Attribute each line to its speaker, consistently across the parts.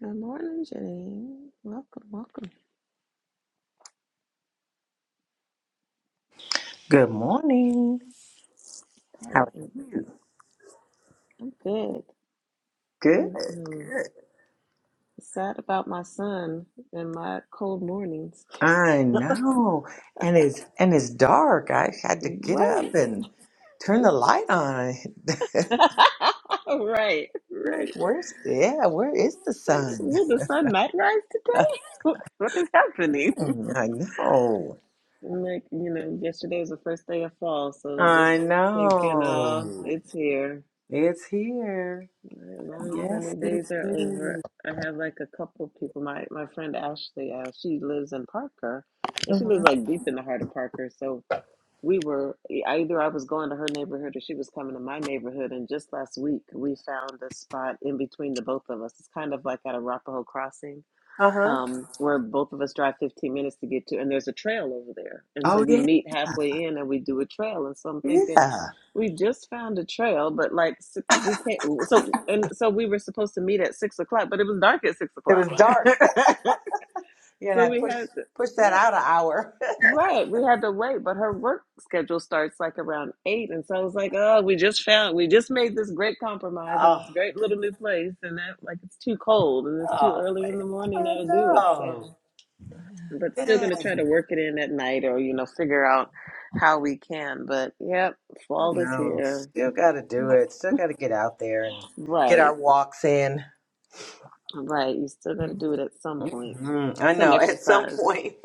Speaker 1: Good morning, Janine. Welcome, welcome.
Speaker 2: Good morning. How
Speaker 1: Hey,
Speaker 2: are
Speaker 1: I'm
Speaker 2: you?
Speaker 1: I'm good.
Speaker 2: Good,
Speaker 1: I'm um,
Speaker 2: good.
Speaker 1: sad about my son and my cold mornings.
Speaker 2: I know. And it's and it's dark. I had to get up
Speaker 1: Right.
Speaker 2: and turn the light on. I'm
Speaker 1: right,
Speaker 2: like,
Speaker 1: right.
Speaker 2: where's yeah, where is the
Speaker 1: Like,
Speaker 2: sun?
Speaker 1: will the sun not rise today? what what is happening?
Speaker 2: Hmm, I know.
Speaker 1: And like, you know, yesterday was the first day of fall, so just
Speaker 2: I
Speaker 1: thinking, oh,
Speaker 2: know.
Speaker 1: it's here.
Speaker 2: It's here.
Speaker 1: My long
Speaker 2: Yes,
Speaker 1: sunny
Speaker 2: it
Speaker 1: days are over.
Speaker 2: is.
Speaker 1: I have like a couple of people. My my friend Ashley, uh, she lives in Parker, and she
Speaker 2: Uh-huh.
Speaker 1: lives like deep in the heart of Parker. So we were either I was going to her neighborhood or she was coming to my neighborhood. And just last week, we found a spot in between the both of us. It's kind of like at Arapahoe Crossing
Speaker 2: Uh-huh.
Speaker 1: um, where both of us drive 15 minutes to get to, and there's a trail over there. And so
Speaker 2: Oh
Speaker 1: we
Speaker 2: yeah.
Speaker 1: meet halfway in and we do a trail. And so I'm thinking,
Speaker 2: Yeah.
Speaker 1: we just found a trail, but like s- we can't. So and so we were supposed to meet at six o'clock, but it was dark at six
Speaker 2: It was
Speaker 1: o'clock.
Speaker 2: dark. Yeah, and
Speaker 1: so
Speaker 2: I
Speaker 1: we had
Speaker 2: pushed
Speaker 1: to,
Speaker 2: pushed that
Speaker 1: right,
Speaker 2: out an hour.
Speaker 1: right, we had to wait. But her work schedule starts like around eight, and so I was like, oh, we just found, we just made this great compromise in this great little new place, and that like it's too cold and it's too
Speaker 2: Oh,
Speaker 1: early
Speaker 2: man.
Speaker 1: in the morning
Speaker 2: I
Speaker 1: now to do it. So
Speaker 2: know.
Speaker 1: but still going
Speaker 2: Yeah,
Speaker 1: to try to work it in at night or, you know, figure out how we can. But yep,
Speaker 2: I
Speaker 1: fall is
Speaker 2: know.
Speaker 1: here.
Speaker 2: Still got to do it. Still got to get out there and get our
Speaker 1: Right,
Speaker 2: walks in.
Speaker 1: right. You still got to do it at some point,
Speaker 2: hmm I
Speaker 1: some
Speaker 2: know. At some
Speaker 1: exercise.
Speaker 2: point,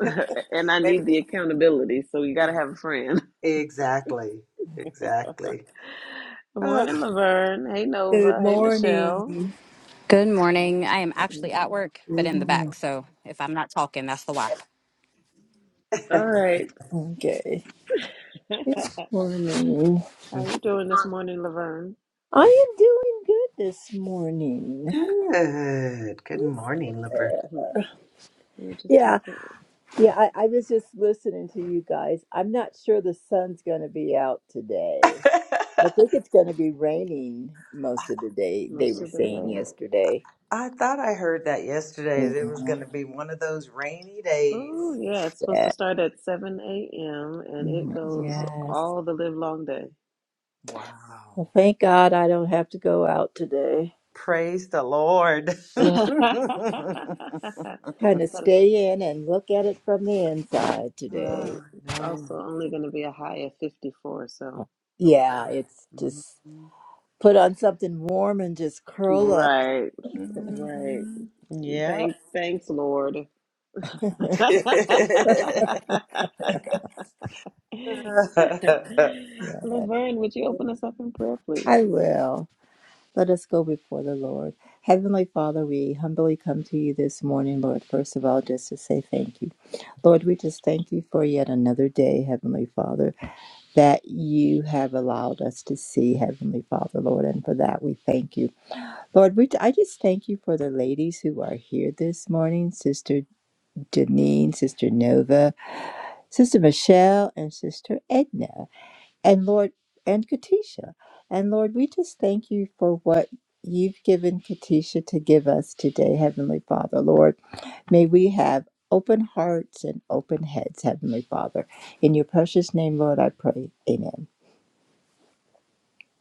Speaker 1: and I
Speaker 2: maybe.
Speaker 1: need the accountability, so you got to have a friend.
Speaker 2: Exactly. Exactly.
Speaker 1: Good
Speaker 2: Oh.
Speaker 1: morning, Laverne. Hey,
Speaker 3: Good
Speaker 1: Nova. Hey,
Speaker 3: morning.
Speaker 1: Michelle.
Speaker 4: Good morning. I am actually at
Speaker 1: Mm,
Speaker 4: work, but
Speaker 3: Good
Speaker 4: in the back.
Speaker 3: morning.
Speaker 4: So if I'm not talking, that's the why.
Speaker 1: All right.
Speaker 3: Okay. Morning.
Speaker 1: How are you doing this morning, Laverne?
Speaker 3: I am doing good this morning.
Speaker 2: Good. Good morning, Liver.
Speaker 1: We were just
Speaker 3: Yeah,
Speaker 1: talking
Speaker 3: yeah. I, I was just listening to you guys. I'm not sure the sun's going to be out today. I think it's going to be raining most of the day. They
Speaker 1: most
Speaker 3: were
Speaker 1: of the
Speaker 3: saying
Speaker 1: day.
Speaker 3: yesterday.
Speaker 2: I thought I heard that yesterday.
Speaker 3: Yeah.
Speaker 2: that It was going to be one of those rainy days.
Speaker 1: Oh, yeah, it's supposed to
Speaker 3: Yeah.
Speaker 1: start at 7 a.m. and it
Speaker 3: Mhm.
Speaker 1: goes
Speaker 3: Yes.
Speaker 1: all the live long day.
Speaker 2: Wow.
Speaker 3: Well, thank God I don't have to go out today.
Speaker 2: Praise the Lord.
Speaker 3: Yeah. Kind of
Speaker 1: But it's-
Speaker 3: stay in and look at it from the inside today.
Speaker 1: right,
Speaker 2: Ah,
Speaker 1: it's
Speaker 2: no.
Speaker 1: also only going to be a high of 54, so
Speaker 2: Oh,
Speaker 3: Yeah,
Speaker 2: wow.
Speaker 3: it's
Speaker 2: Mm-hmm.
Speaker 3: just put on something warm and just curl up.
Speaker 1: right, right.
Speaker 2: hmm Yep.
Speaker 1: Thank, thanks, Lord.
Speaker 3: Yeah,
Speaker 1: Laverne, would you open us up in prayer, please?
Speaker 3: I will. Let us go before the Lord. Heavenly Father, we humbly come to you this morning, Lord, first of all, just to say thank you. Lord, we just thank you for yet another day, Heavenly Father, that you have allowed us to see, Heavenly Father, Lord, and for that we thank you. Lord, we, I just thank you for the ladies who are here this morning Sister Janine, Sister Nova, Sister Michelle, and Sister Edna. And Lord, and Katisha. And Lord, we just thank you for what you've given Katisha to give us today, Heavenly Father. Lord, may we have open hearts and open heads, Heavenly Father. In your precious name, Lord, I pray. Amen.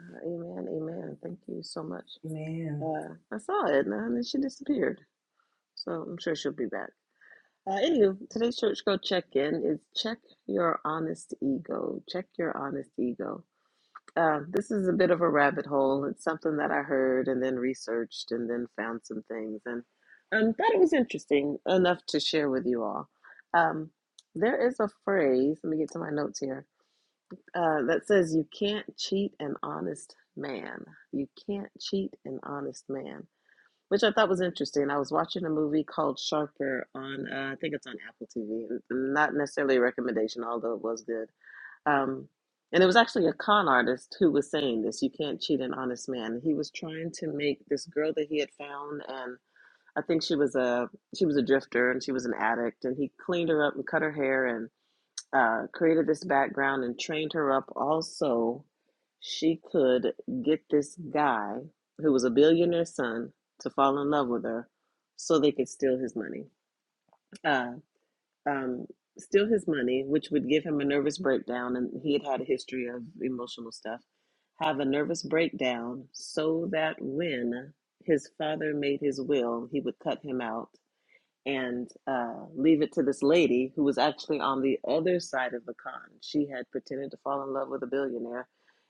Speaker 1: Uh, amen, amen. Thank you so much.
Speaker 2: Man.
Speaker 1: Uh, I saw Edna and then she disappeared, so I'm sure she'll be back. Uh, anywho, today's church go check in is check your honest ego. Check your honest ego. Uh, this is a bit of a rabbit hole. It's something that I heard and then researched and then found some things and um, thought it was interesting enough to share with you all. Um, there is a phrase, let me get to my notes here, uh, that says, You can't cheat an honest man. You can't cheat an honest man which I thought was interesting. I was watching a movie called Sharper on, uh, I think it's on Apple TV. Not necessarily a recommendation, although it was good. Um, and it was actually a con artist who was saying this: you can't cheat an honest man. He was trying to make this girl that he had found, and I think she was a she was a drifter and she was an addict, and he cleaned her up and cut her hair and uh, created this background and trained her up also she could get this guy who was a billionaire's son to fall in love with her so they could steal his money uh, um, steal his money which would give him a nervous breakdown and he had had a history of emotional stuff have a nervous breakdown so that when his father made his will he would cut him out and uh, leave it to this lady who was actually on the other side of the con. She had pretended to fall in love with a billionaire,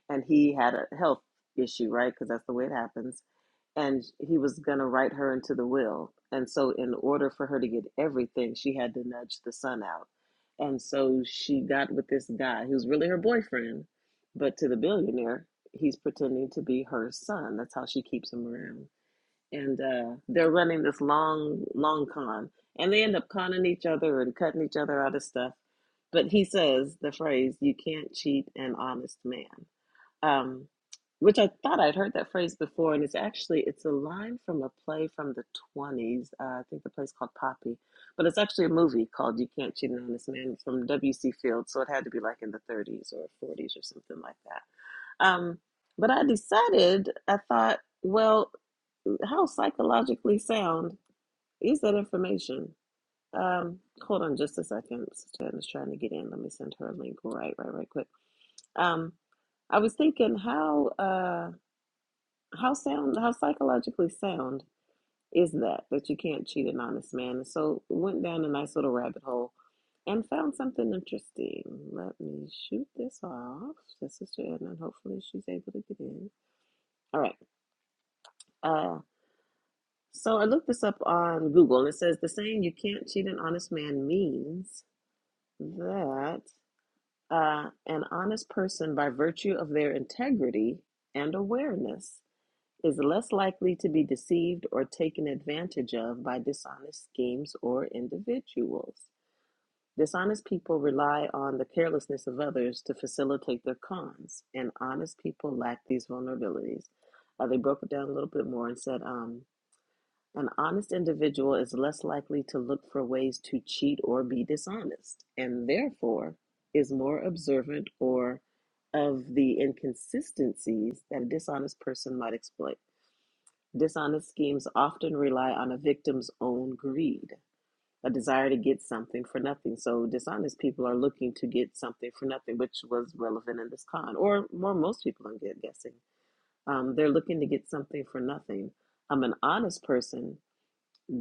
Speaker 1: and he had a health issue, right? Because that's the way it happens. And he was going to write her into the will. And so, in order for her to get everything, she had to nudge the son out. And so, she got with this guy who's really her boyfriend, but to the billionaire, he's pretending to be her son. That's how she keeps him around and uh, they're running this long, long con, and they end up conning each other and cutting each other out of stuff. But he says the phrase, "You can't cheat an honest man," um, which I thought I'd heard that phrase before, and it's actually it's a line from a play from the twenties. Uh, I think the play's called Poppy, but it's actually a movie called "You Can't Cheat an Honest Man" from W. C. Fields, so it had to be like in the thirties or forties or something like that. Um, but I decided, I thought, well. How psychologically sound is that information? Um, hold on just a second. Sister is trying to get in. Let me send her a link right, right, right quick. Um, I was thinking how uh how sound how psychologically sound is that that you can't cheat an honest man? And so went down a nice little rabbit hole and found something interesting. Let me shoot this off to Sister Edna and hopefully she's able to get in. All right. Uh, So I looked this up on Google. and It says the saying "you can't cheat an honest man" means that uh, an honest person, by virtue of their integrity and awareness, is less likely to be deceived or taken advantage of by dishonest schemes or individuals. Dishonest people rely on the carelessness of others to facilitate their cons, and honest people lack these vulnerabilities. Uh, they broke it down a little bit more and said, um, an honest individual is less likely to look for ways to cheat or be dishonest, and therefore is more observant or of the inconsistencies that a dishonest person might exploit. Dishonest schemes often rely on a victim's own greed, a desire to get something for nothing. So dishonest people are looking to get something for nothing, which was relevant in this con, or more most people I'm guessing. Um, they're looking to get something for nothing. I'm an honest person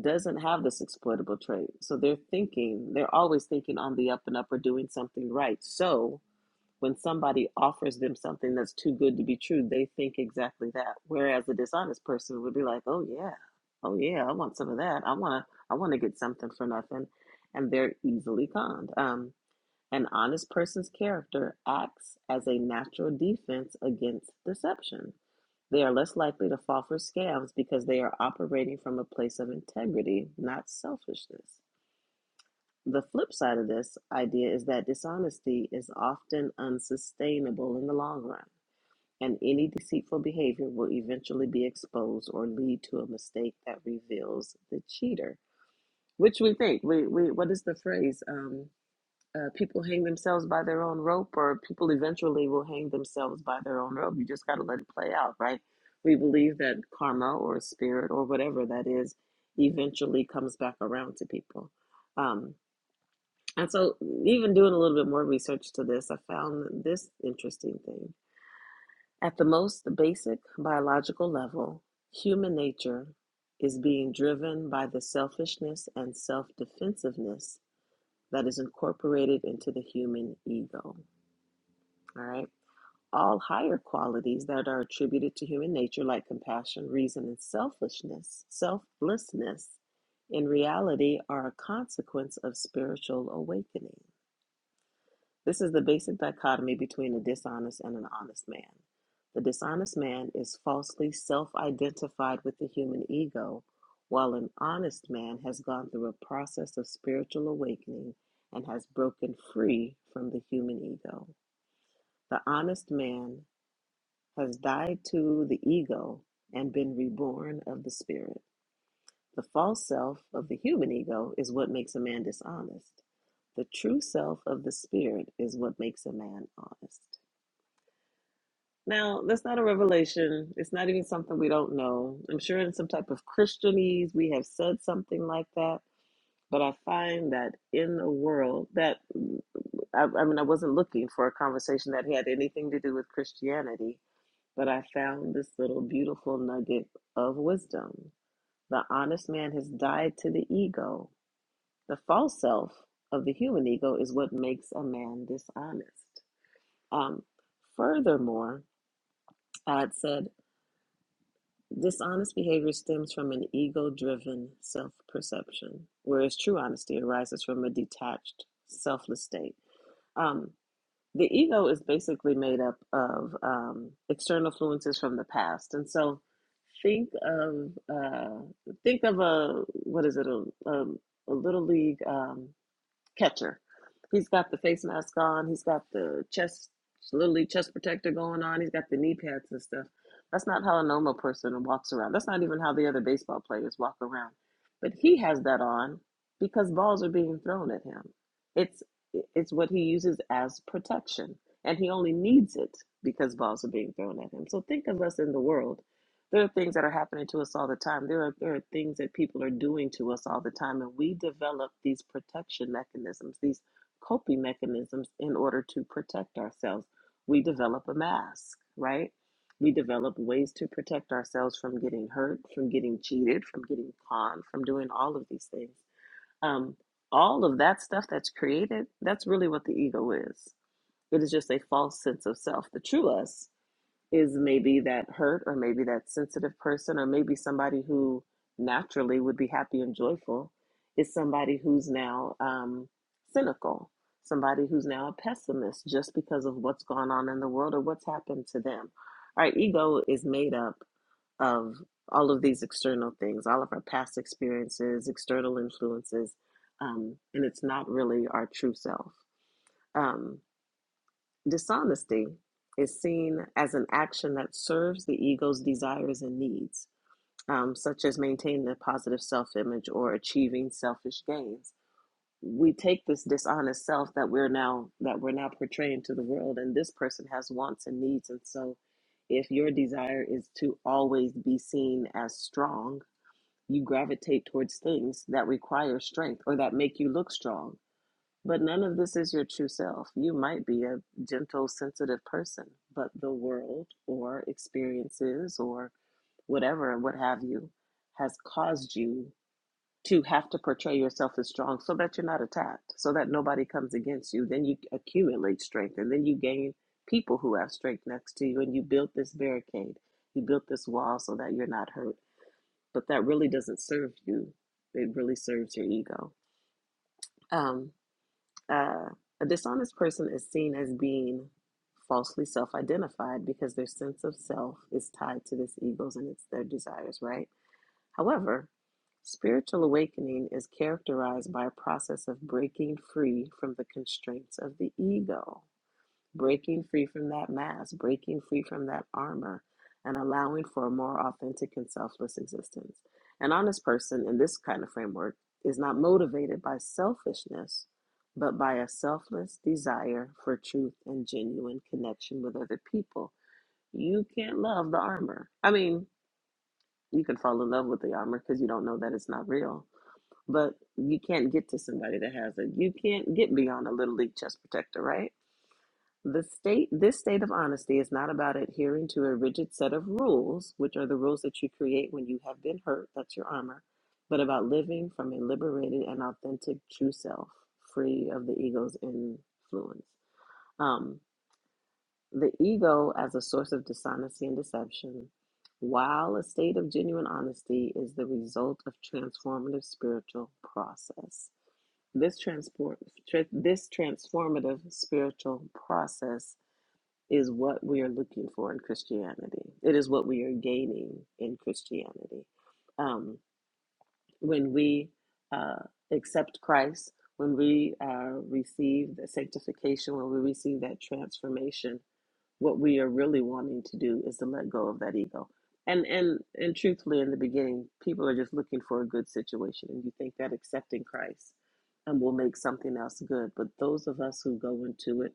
Speaker 1: doesn't have this exploitable trait. So they're thinking, they're always thinking on the up and up or doing something right. So when somebody offers them something that's too good to be true, they think exactly that. Whereas a dishonest person would be like, "Oh yeah. Oh yeah, I want some of that. I want to I want to get something for nothing." And they're easily conned. Um an honest person's character acts as a natural defense against deception. They are less likely to fall for scams because they are operating from a place of integrity, not selfishness. The flip side of this idea is that dishonesty is often unsustainable in the long run, and any deceitful behavior will eventually be exposed or lead to a mistake that reveals the cheater. Which we think we, we what is the phrase? um uh, people hang themselves by their own rope, or people eventually will hang themselves by their own rope. You just got to let it play out, right? We believe that karma or spirit or whatever that is eventually comes back around to people. Um, and so, even doing a little bit more research to this, I found this interesting thing. At the most basic biological level, human nature is being driven by the selfishness and self defensiveness that is incorporated into the human ego. All right. All higher qualities that are attributed to human nature, like compassion, reason, and selfishness, selflessness, in reality are a consequence of spiritual awakening. This is the basic dichotomy between a dishonest and an honest man. The dishonest man is falsely self identified with the human ego, while an honest man has gone through a process of spiritual awakening and has broken free from the human ego. The honest man has died to the ego and been reborn of the spirit. The false self of the human ego is what makes a man dishonest. The true self of the spirit is what makes a man honest. Now, that's not a revelation. It's not even something we don't know. I'm sure in some type of Christianese we have said something like that, but I find that in the world that I, I mean, I wasn't looking for a conversation that had anything to do with Christianity But I found this little beautiful nugget of wisdom. The honest man has died to the ego. The false self of the human ego is what makes a man dishonest. Um, furthermore, I had said dishonest behavior stems from an ego driven self perception, whereas true honesty arises from a detached, selfless state. Um. the ego is basically made up of um, external influences from the past, and so think of uh, think of a what is it a, a, a little league. Um, catcher. He's got the face mask on. He's got the chest, literally chest protector going on. He's got the knee pads and stuff. That's not how a normal person walks around. That's not even how the other baseball players walk around. But he has that on because balls are being thrown at him. It's it's what he uses as protection, and he only needs it because balls are being thrown at him. So think of us in the world there are things that are happening to us all the time. There are there are things that people are doing to us all the time, and we develop these protection mechanisms, these coping mechanisms, in order to protect ourselves. We develop a mask, right? We develop ways to protect ourselves from getting hurt, from getting cheated, from getting conned, from doing all of these things. Um, all of that stuff that's created, that's really what the ego is. It is just a false sense of self. The true us is maybe that hurt or maybe that sensitive person or maybe somebody who naturally would be happy and joyful is somebody who's now um, cynical somebody who's now a pessimist just because of what's gone on in the world or what's happened to them our ego is made up of all of these external things all of our past experiences external influences um, and it's not really our true self Um, Dishonesty is seen as an action that serves the ego's desires and needs, um, such as maintaining a positive self image or achieving selfish gains. We take this dishonest self that we're now that we're now portraying to the world, and this person has wants and needs, and so if your desire is to always be seen as strong, you gravitate towards things that require strength or that make you look strong but none of this is your true self. You might be a gentle, sensitive person, but the world or experiences or whatever what have you has caused you to have to portray yourself as strong so that you're not attacked, so that nobody comes against you. Then you accumulate strength and then you gain people who have strength next to you and you build this barricade. You built this wall so that you're not hurt, but that really doesn't serve you. It really serves your ego. Um, uh, a dishonest person is seen as being falsely self identified because their sense of self is tied to this egos and it's their desires, right? However, spiritual awakening is characterized by a process of breaking free from the constraints of the ego breaking free from that mask, breaking free from that armor, and allowing for a more authentic and selfless existence. An honest person in this kind of framework is not motivated by selfishness, but by a selfless desire for truth and genuine connection with other people. You can't love the armor. I mean, you can fall in love with the armor because you don't know that it's not real. But you can't get to somebody that has it. You can't get beyond a little league chest protector, right? The state, this state of honesty is not about adhering to a rigid set of rules, which are the rules that you create when you have been hurt, that's your armor, but about living from a liberated and authentic true self, free of the ego's influence. Um, the ego as a source of dishonesty and deception, while a state of genuine honesty is the result of transformative spiritual process. This transport, tra- this transformative spiritual process is what we are looking for in Christianity. It is what we are gaining in Christianity. Um, when we uh, accept Christ, when we uh, receive the sanctification, when we receive that transformation, what we are really wanting to do is to let go of that ego. And, and and truthfully, in the beginning, people are just looking for a good situation, and you think that accepting Christ um, will make something else good. But those of us who go into it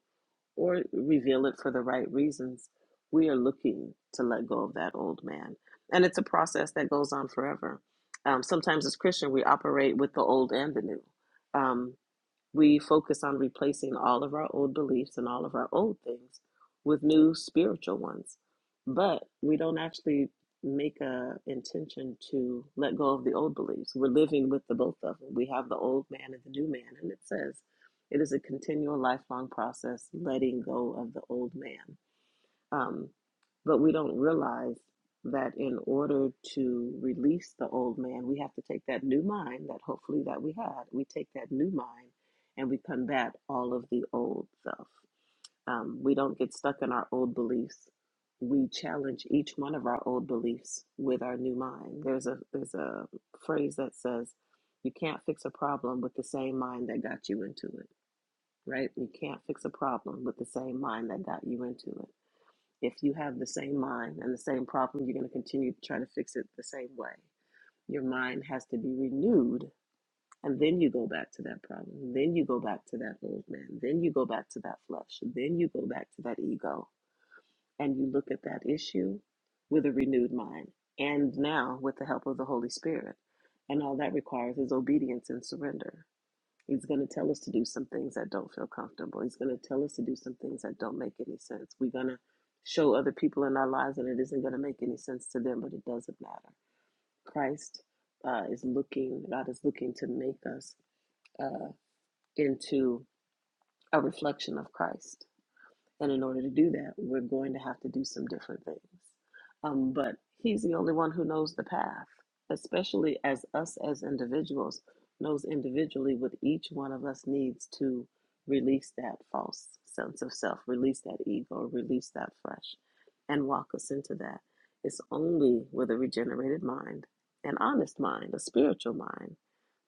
Speaker 1: or reveal it for the right reasons, we are looking to let go of that old man. And it's a process that goes on forever. Um, sometimes as Christian, we operate with the old and the new. Um. We focus on replacing all of our old beliefs and all of our old things with new spiritual ones. But we don't actually make a intention to let go of the old beliefs. We're living with the both of them. We have the old man and the new man, and it says it is a continual lifelong process letting go of the old man. Um, but we don't realize that in order to release the old man, we have to take that new mind that hopefully that we had. We take that new mind and we combat all of the old stuff. Um, we don't get stuck in our old beliefs. We challenge each one of our old beliefs with our new mind. There's a there's a phrase that says, "You can't fix a problem with the same mind that got you into it." Right? You can't fix a problem with the same mind that got you into it. If you have the same mind and the same problem, you're going to continue to try to fix it the same way. Your mind has to be renewed, and then you go back to that problem. Then you go back to that old man. Then you go back to that flesh. Then you go back to that ego, and you look at that issue with a renewed mind. And now, with the help of the Holy Spirit, and all that requires is obedience and surrender. He's going to tell us to do some things that don't feel comfortable. He's going to tell us to do some things that don't make any sense. We're going to show other people in our lives and it isn't going to make any sense to them, but it doesn't matter. Christ uh, is looking, God is looking to make us uh, into a reflection of Christ. And in order to do that, we're going to have to do some different things. Um, but He's the only one who knows the path, especially as us as individuals knows individually what each one of us needs to release that false sense of self, release that ego, release that flesh, and walk us into that. It's only with a regenerated mind, an honest mind, a spiritual mind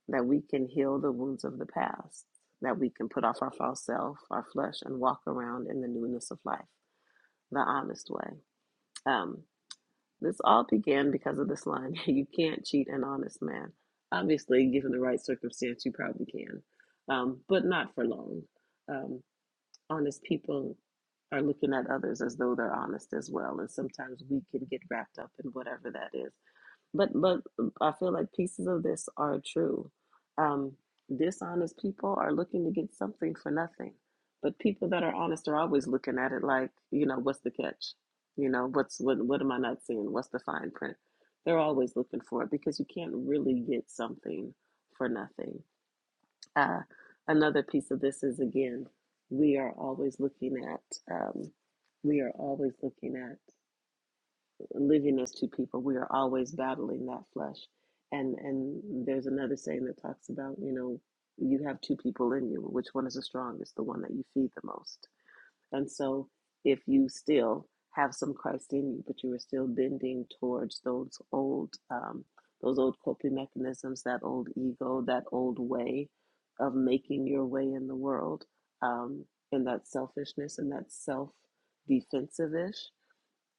Speaker 1: that we can heal the wounds of the past, that we can put off our false self, our flesh, and walk around in the newness of life, the honest way. Um, this all began because of this line you can't cheat an honest man. Obviously, given the right circumstance, you probably can, um, but not for long. Um, honest people are looking at others as though they're honest as well, and sometimes we can get wrapped up in whatever that is. But but um, I feel like pieces of this are true. Um, dishonest people are looking to get something for nothing, but people that are honest are always looking at it like, you know, what's the catch? You know, what's what? What am I not seeing? What's the fine print? They're always looking for it because you can't really get something for nothing. Uh, another piece of this is again, we are always looking at. Um, we are always looking at living as two people we are always battling that flesh and and there's another saying that talks about you know you have two people in you which one is the strongest the one that you feed the most and so if you still have some christ in you but you are still bending towards those old um, those old coping mechanisms that old ego that old way of making your way in the world um, and that selfishness and that self defensive ish.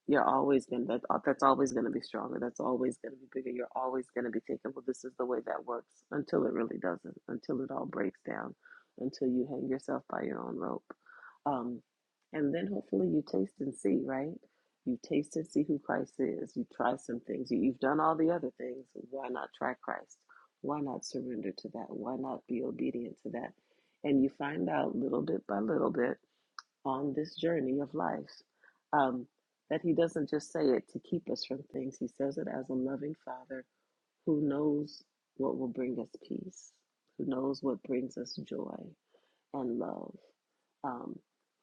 Speaker 1: You're always gonna that uh, that's always gonna be stronger. That's always gonna be bigger. You're always gonna be thinking, well, this is the way that works until it really doesn't. Until it all breaks down. Until you hang yourself by your own rope. Um, and then hopefully you taste and see, right? You taste and see who Christ is. You try some things. You, you've done all the other things. Why not try Christ? Why not surrender to that? Why not be obedient to that? And you find out little bit by little bit on this journey of life. Um, that He doesn't just say it to keep us from things, He says it as a loving Father who knows what will bring us peace, who knows what brings us joy and love, um,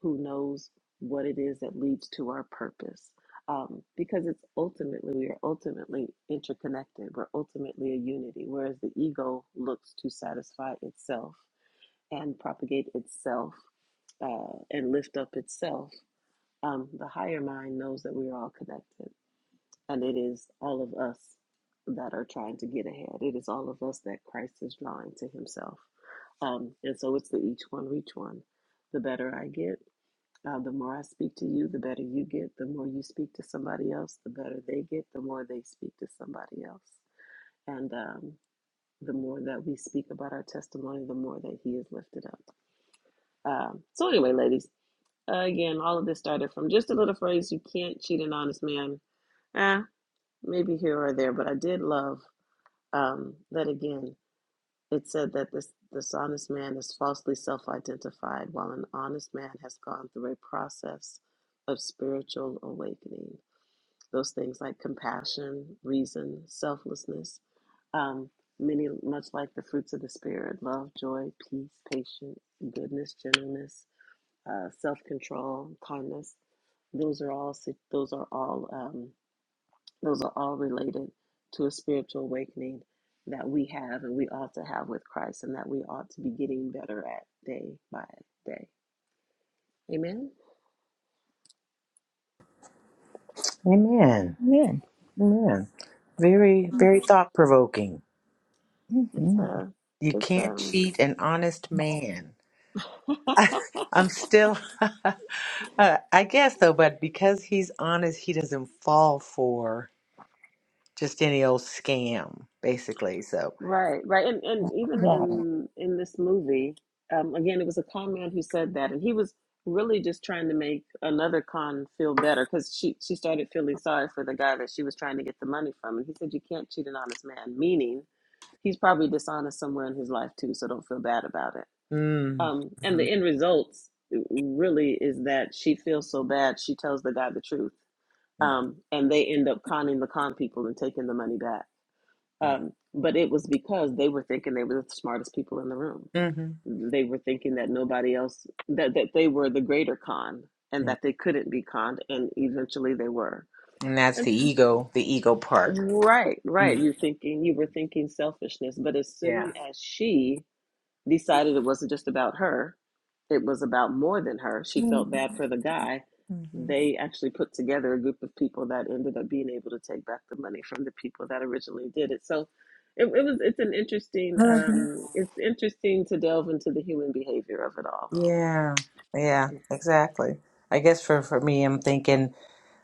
Speaker 1: who knows what it is that leads to our purpose. Um, because it's ultimately, we are ultimately interconnected. We're ultimately a unity. Whereas the ego looks to satisfy itself and propagate itself uh, and lift up itself um, the higher mind knows that we are all connected, and it is all of us that are trying to get ahead. It is all of us that Christ is drawing to Himself. Um, and so it's the each one reach one. The better I get, uh, the more I speak to you, the better you get. The more you speak to somebody else, the better they get. The more they speak to somebody else, and um, the more that we speak about our testimony, the more that He is lifted up. Um, so anyway, ladies, uh, again, all of this started from just a little phrase: "You can't cheat an honest man." Eh, maybe here or there, but I did love um, that again. It said that this dishonest man is falsely self-identified, while an honest man has gone through a process of spiritual awakening. Those things like compassion, reason, selflessness, um, many much like the fruits of the spirit: love, joy, peace, patience, goodness, gentleness, uh, self-control, kindness. Those are all. si- Those are all. um, Those are all related to a spiritual awakening that we have and we ought to have with Christ and that we ought to be getting better at day by day. Amen.
Speaker 2: Amen.
Speaker 3: Amen.
Speaker 2: Amen. Very, very thought provoking.
Speaker 1: It's
Speaker 3: Mhm.
Speaker 1: a
Speaker 2: You
Speaker 1: it's
Speaker 2: can't
Speaker 1: um
Speaker 2: cheat an honest man. I, I'm still, uh, I guess though, but because he's honest, he doesn't fall for just any old scam, basically. So,
Speaker 1: right, right. And and even
Speaker 3: Right.
Speaker 1: in in this movie, um again it was a con man who said that and he was really just trying to make another con feel better because she she started feeling sorry for the guy that she was trying to get the money from and he said you can't cheat an honest man meaning he's probably dishonest somewhere in his life too, so don't feel bad about it.
Speaker 2: mm.
Speaker 1: Um, and the
Speaker 2: hmm
Speaker 1: end results uh, really is that she feels so bad, she tells the guy the truth, um, and they end up conning the con people and taking the money back. Um, but it was because they were thinking they were the smartest people in the room.
Speaker 2: hmm
Speaker 1: They were thinking that nobody else that that they were the greater con and that they couldn't be conned, and eventually they were.
Speaker 2: And that's
Speaker 1: And
Speaker 2: the ego, the ego part.
Speaker 1: right, right.
Speaker 2: Mm.
Speaker 1: You're thinking you were thinking selfishness, but as soon
Speaker 2: Yeah.
Speaker 1: as she decided it wasn't just about her, it was about more than her. She felt bad for the guy.
Speaker 2: Mm-hmm.
Speaker 1: They actually put together a group of people that ended up being able to take back the money from the people that originally did it. So it, it was it's an interesting
Speaker 2: hmm
Speaker 1: um it's interesting to delve into the human behavior of it all.
Speaker 2: Yeah. Yeah. Exactly. I guess for for me, I'm thinking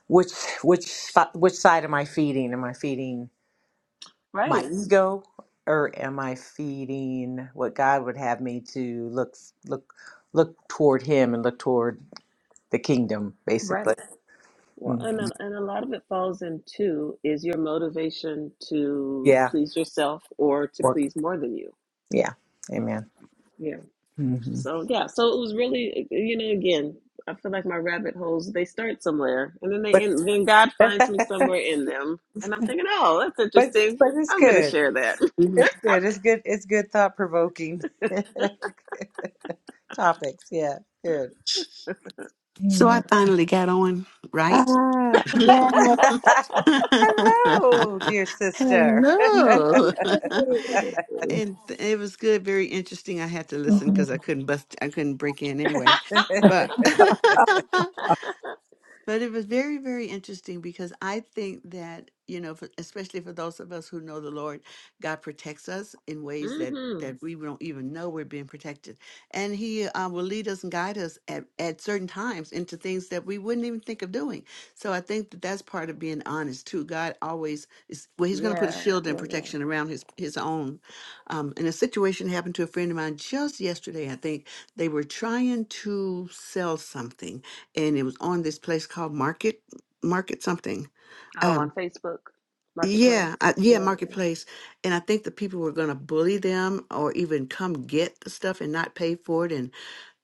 Speaker 2: which which si- which side am I feeding? Am I feeding my
Speaker 1: Right,
Speaker 2: ego, or am I feeding what God would have me to look look look toward Him and look toward the kingdom,
Speaker 1: right.
Speaker 2: basically?
Speaker 1: Well, and
Speaker 2: hmm
Speaker 1: a, and a lot of it falls into is your motivation to
Speaker 2: Yeah.
Speaker 1: please yourself or to
Speaker 2: Or
Speaker 1: please more than you.
Speaker 2: yeah. Amen. hmm
Speaker 1: So yeah, so it was really, you know, again, I feel like my rabbit holes, they start somewhere and then they
Speaker 2: But
Speaker 1: end, then God finds me
Speaker 2: but
Speaker 1: somewhere in them. And I'm thinking, oh, that's
Speaker 2: but
Speaker 1: interesting.
Speaker 2: it's
Speaker 1: I'm going to
Speaker 2: good.
Speaker 1: share that.
Speaker 5: Mhm.
Speaker 2: It's good. It's good. It's good thought provoking topics. Yeah, good.
Speaker 5: So I
Speaker 3: Amen.
Speaker 5: finally got on, right?
Speaker 3: Ah, yeah.
Speaker 2: Hello, dear sister.
Speaker 5: Hello. and th- it was good, very interesting. I had to listen because I couldn't bust I couldn't break in anyway. But But it was very, very interesting because I think that, you know, for, especially for those of us who know the Lord, God protects us in ways that
Speaker 1: hmm
Speaker 5: that we don't even know we're being protected. And he uh, will lead us and guide us at, at certain times into things that we wouldn't even think of doing. So I think that that's part of being honest too. God always is, well, he's going to put a
Speaker 1: Yeah,
Speaker 5: shield and
Speaker 1: yeah, yeah.
Speaker 5: protection around his, his own. Um, and a situation happened to a friend of mine just yesterday. I think they were trying to sell something and it was on this place called Market Market something.
Speaker 1: Oh, on
Speaker 5: Um,
Speaker 1: Facebook Marketplace.
Speaker 5: yeah, I, yeah,
Speaker 1: Yeah.
Speaker 5: Marketplace, and I think the people were going to bully them or even come get the stuff and not pay for it, and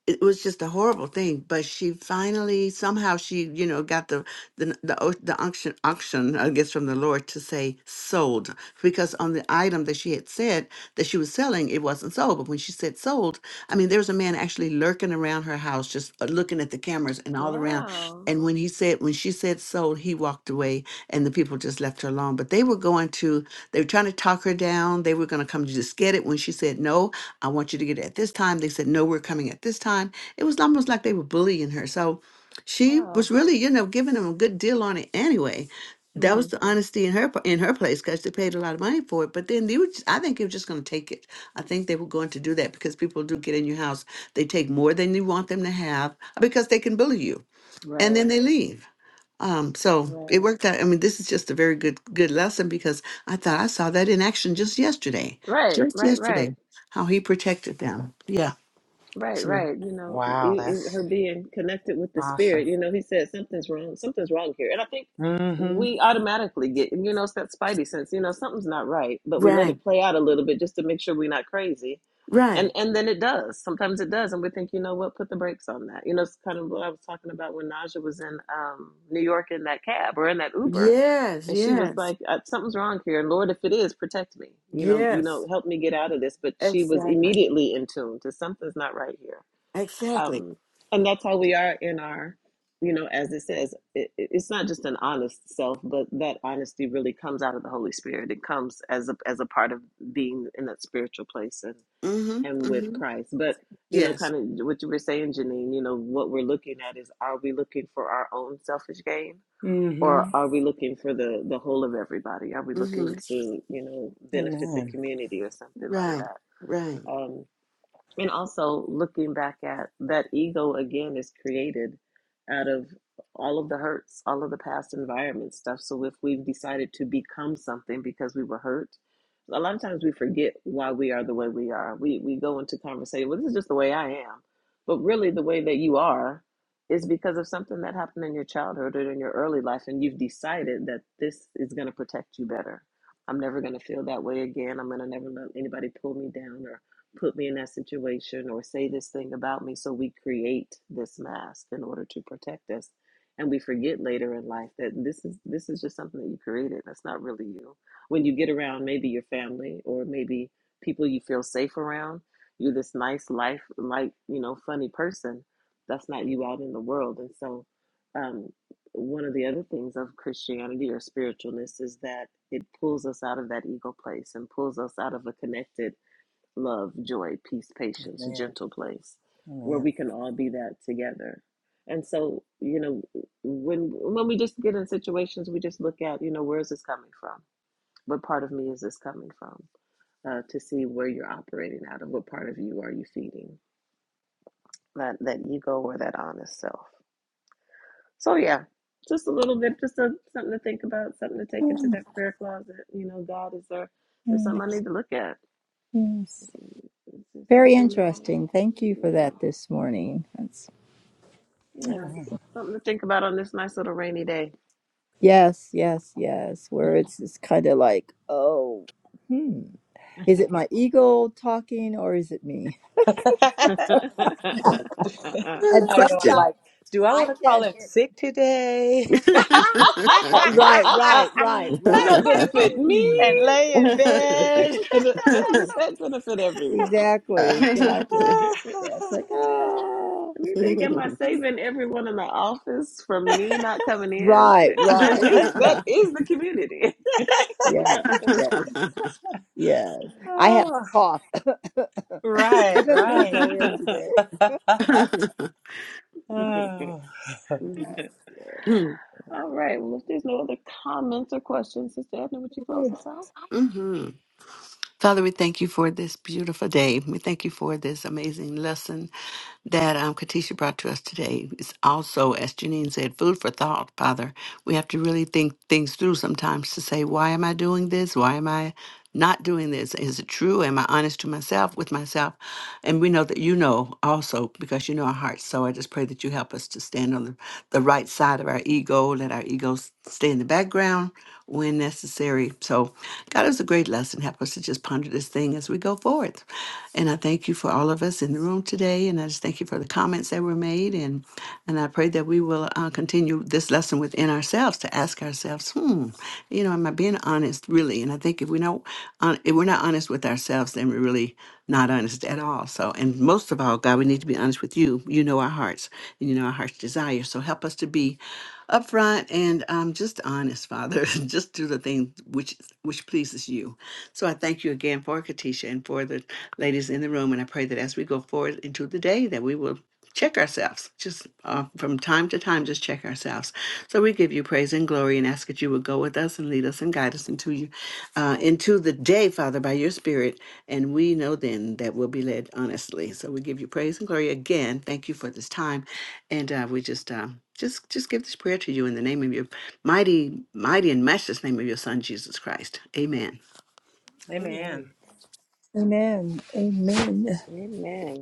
Speaker 5: it was just a horrible thing. But she finally somehow she you know got the the the, o- the unction unction I guess from the Lord to say sold because on the item that she had said that she was selling it wasn't sold but when she said sold I mean there was a man actually lurking around her house just uh, looking at the cameras and all around
Speaker 1: Wow.
Speaker 5: and when he said when she said sold he walked away and the people just left her alone but they were going to they were trying to talk her down they were going to come to just get it when she said no I want you to get it at this time they said no we're coming at this time it was almost like they were bullying her so she
Speaker 1: Wow.
Speaker 5: was really, you know, giving him a good deal on it anyway. That
Speaker 1: hmm
Speaker 5: was the honesty in her p- in her place because they paid a lot of money for it. But then they were, just, I think they were just going to take it. I think they were going to do that because people do get in your house. They take more than you want them to have because they can bully you, and
Speaker 1: Right,
Speaker 5: then they leave. Um, so it
Speaker 1: right,
Speaker 5: worked out. I mean, this is just a very good good lesson because I thought I saw that in action just yesterday,
Speaker 1: right,
Speaker 5: just
Speaker 1: right, right.
Speaker 5: yesterday, how he protected them. Yeah.
Speaker 1: Right,
Speaker 5: So,
Speaker 1: right. You know,
Speaker 2: wow,
Speaker 1: it, it, her
Speaker 2: that's
Speaker 1: being connected with the
Speaker 2: awesome.
Speaker 1: spirit. You know, he said something's wrong. Something's wrong here, and I think
Speaker 2: Mm hmm.
Speaker 1: we automatically get. You know, it's that spidey sense. You know, something's not right, but we let
Speaker 5: right.
Speaker 1: it play out a little bit just to make sure we're not crazy. And
Speaker 5: Right.
Speaker 1: and then it does. Sometimes it does, and we think, you know what? Put the brakes on that. You know, it's kind of what I was talking about when Naja was in um, New York in that cab or in that Uber
Speaker 5: Yes.
Speaker 1: and she was
Speaker 5: Yes.
Speaker 1: like "Uh, something's wrong here and lord if it is protect me you know you
Speaker 5: Yes,
Speaker 1: know help me get out of this but she was
Speaker 5: exactly.
Speaker 1: immediately in tune to something's not right here
Speaker 5: Exactly.
Speaker 1: um and that's how we are in our you know as it says it- it's not just an honest self but that honesty really comes out of the holy spirit it comes as a as a part of being in that spiritual place and
Speaker 5: Mm-hmm.
Speaker 1: and with
Speaker 5: Mm-hmm.
Speaker 1: christ but you know
Speaker 5: Yes.
Speaker 1: kind of what you were saying janine you know what we're looking at is are we looking for our own selfish gain
Speaker 2: Mm
Speaker 1: or
Speaker 2: hmm.
Speaker 1: are we looking for the the whole of everybody? Are we
Speaker 5: Mm-hmm.
Speaker 1: looking to you know benefit the
Speaker 2: Amen.
Speaker 1: community or something like
Speaker 5: Right.
Speaker 1: that?
Speaker 5: Right.
Speaker 1: Um, and also looking back at that ego again is created out of all of the hurts, all of the past environment stuff. So if we've decided to become something because we were hurt, a lot of times we forget why we are the way we are. We we go into conversation, well, this is just the way I am. But really the way that you are is because of something that happened in your childhood or in your early life and you've decided that this is gonna protect you better. I'm never gonna feel that way again. I'm gonna never let anybody pull me down or put me in that situation or say this thing about me. So we create this mask in order to protect us. And we forget later in life that this is this is just something that you created. That's not really you. When you get around maybe your family or maybe people you feel safe around, you're this nice life like, you know, funny person. That's not you out in the world. And so um one of the other things of Christianity or spiritualness is that it pulls us out of that ego place and pulls us out of a connected love, joy, peace, patience,
Speaker 2: Amen.
Speaker 1: gentle place where we can all be that together. And so, you know, when when we just get in situations, we just look at, you know, where is this coming from? What part of me is this coming from? Uh, to see where you're operating out of, what part of you are you feeding that that ego or that honest self. So yeah, just a little bit, just a, something to think about, something to take into
Speaker 3: Mhm.
Speaker 1: that prayer closet. You know, God, is there? There's something
Speaker 3: Yes.
Speaker 1: I need to look at.
Speaker 3: yes.
Speaker 1: Is there
Speaker 3: Very
Speaker 1: something? Uh,
Speaker 3: interesting. Thank you for
Speaker 1: yeah.
Speaker 3: that this morning. That's
Speaker 1: Yeah,
Speaker 2: Amen. Amen.
Speaker 1: something to think about on this nice little rainy day.
Speaker 3: Yes, yes, yes. Where it's it's kind of like, oh, hmm, is it my ego talking or is it me?
Speaker 1: Does
Speaker 5: Good
Speaker 3: And
Speaker 2: I know. I'm
Speaker 5: question.
Speaker 3: sometimes
Speaker 2: like, do I want
Speaker 3: I
Speaker 2: to call
Speaker 3: can.
Speaker 2: him sick today?
Speaker 3: Uh, right, right, right, right.
Speaker 1: that benefit
Speaker 3: Hmm.
Speaker 2: and
Speaker 1: me?
Speaker 2: lay in bed.
Speaker 1: Does that benefit everyone?
Speaker 3: Exactly, exactly. Yeah, it's like, oh,
Speaker 1: Let me think, am I saving everyone in the office from me not coming in?
Speaker 3: right,
Speaker 1: That
Speaker 3: right.
Speaker 1: is that is the community.
Speaker 3: Yes, yes, yes. I have a
Speaker 2: Oh,
Speaker 3: cough. I
Speaker 2: right,
Speaker 3: better not
Speaker 2: right.
Speaker 3: go in today.
Speaker 2: Oh,
Speaker 3: Yes,
Speaker 1: All right. Well, if there's no other comments or questions, Sister Edna, would you close
Speaker 3: yes.
Speaker 1: us out?
Speaker 5: Mhm. Father, we thank you for this beautiful day. We thank you for this amazing lesson that um, Katisha brought to us today is also, as Janine said, food for thought, Father. We have to really think things through sometimes to say, why am I doing this? Why am I? not doing this? Is it true? Am I honest to myself, with myself? And we know that you know also because you know our hearts. So I just pray that you help us to stand on the, the right side of our ego, let our egos stay in the background when necessary. So, God, it was a great lesson. Help us to just ponder this thing as we go forward. And I thank you for all of us in the room today. And I just thank you for the comments that were made. And, and I pray that we will uh, continue this lesson within ourselves to ask ourselves, hmm, you know, am I being honest really? And I thank you think if we don't, uh, if we're not honest with ourselves, then we're really not honest at all. So, and most of all, God, we need to be honest with you. You know our hearts, and you know our heart's desire. So help us to be upfront and um, just honest, Father. just do the thing which which pleases you. So I thank you again for Katisha and for the ladies in the room, and I pray that as we go forward into the day, that we will. Check ourselves, just uh, from time to time, just check ourselves. So we give you praise and glory and ask that you would go with us and lead us and guide us into you uh, into the day, Father, by your Spirit. And we know then that we'll be led honestly. So we give you praise and glory again. Thank you for this time. And uh, we just. Uh, just, just give this prayer to you in the name of your mighty, mighty and matchless name of your Son Jesus Christ. Amen.
Speaker 2: amen.
Speaker 1: Amen.
Speaker 3: Amen. Amen.
Speaker 1: Amen.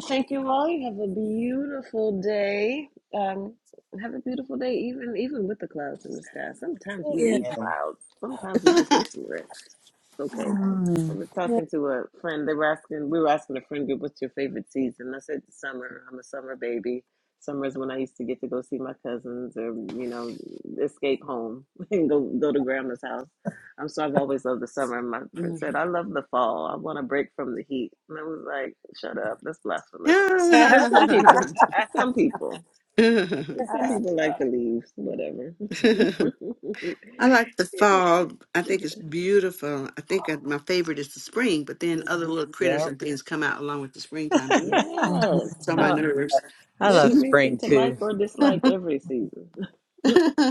Speaker 1: Well, thank you all. You have a beautiful day. Um, have a beautiful day, even even with the clouds in the sky. Sometimes we
Speaker 3: Yeah.
Speaker 1: need
Speaker 2: amen.
Speaker 1: clouds. Sometimes we
Speaker 5: I
Speaker 1: just need some rest. It's okay. I
Speaker 3: Hmm.
Speaker 1: was talking to a friend. They were asking. We were asking a friend group, "What's your favorite season?" I said, "Summer. I'm a summer baby. Summer is when I used to get to go see my cousins, or you know, escape home and go go to grandma's house." I'm sorry, I've always loved the summer. My friend said,
Speaker 2: Mhm.
Speaker 1: I love the fall. I want a break from the heat. And I was like, shut up. That's blasphemous. But some people, some people, some
Speaker 3: Yeah.
Speaker 1: people like the leaves, whatever.
Speaker 5: like the fall. I think it's beautiful. I think uh, my favorite is the spring, but then other
Speaker 2: Mhm.
Speaker 5: little critters
Speaker 2: yep.
Speaker 5: and things come out along with the springtime. So
Speaker 1: yes,
Speaker 5: it's on
Speaker 3: Mhm.
Speaker 5: my
Speaker 2: oh,
Speaker 5: nerves.
Speaker 2: I
Speaker 1: there's
Speaker 2: love
Speaker 1: a reason
Speaker 2: spring
Speaker 1: to like
Speaker 2: too.
Speaker 1: or dislike every season.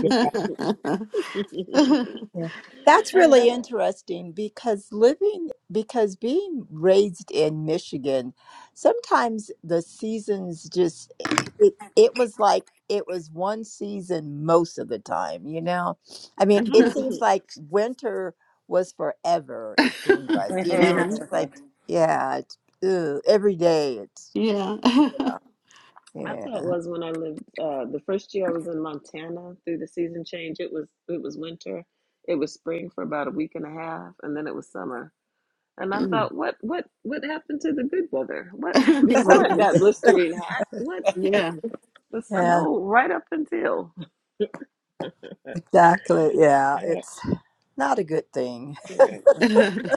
Speaker 3: Yeah.
Speaker 1: All
Speaker 3: Yeah. That's
Speaker 1: right.
Speaker 3: really interesting because living, because being raised in Michigan, sometimes the seasons just, it, it was like it was one season most of the time, you know? I mean, it
Speaker 1: Mm-hmm.
Speaker 3: seems like winter was forever, it seemed like, you
Speaker 2: All
Speaker 3: know?
Speaker 5: yeah.
Speaker 3: It's like, yeah, it's, ew, every day it's,
Speaker 5: Yeah.
Speaker 1: My thought
Speaker 3: yeah.
Speaker 1: was when I lived uh, the first year I was in Montana through the season change. It was it was winter. It was spring for about a week and a half, and then it was summer. And I
Speaker 5: Mm.
Speaker 1: thought, what what what happened to the good weather? What
Speaker 3: Right.
Speaker 1: before it got blistering hot? What
Speaker 5: yeah.
Speaker 1: the
Speaker 3: Yeah,
Speaker 1: snow right up until.
Speaker 3: exactly. Yeah, it's not a good thing.
Speaker 1: All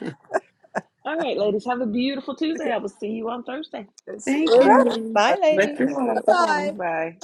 Speaker 1: right, ladies, have a beautiful Tuesday. I will see you on Thursday.
Speaker 3: Good to see
Speaker 5: Thank
Speaker 3: you.
Speaker 2: right.
Speaker 5: you.
Speaker 2: Bye,
Speaker 5: Let
Speaker 2: ladies.
Speaker 5: you all. Bye
Speaker 3: Bye.
Speaker 5: bye.
Speaker 1: Bye.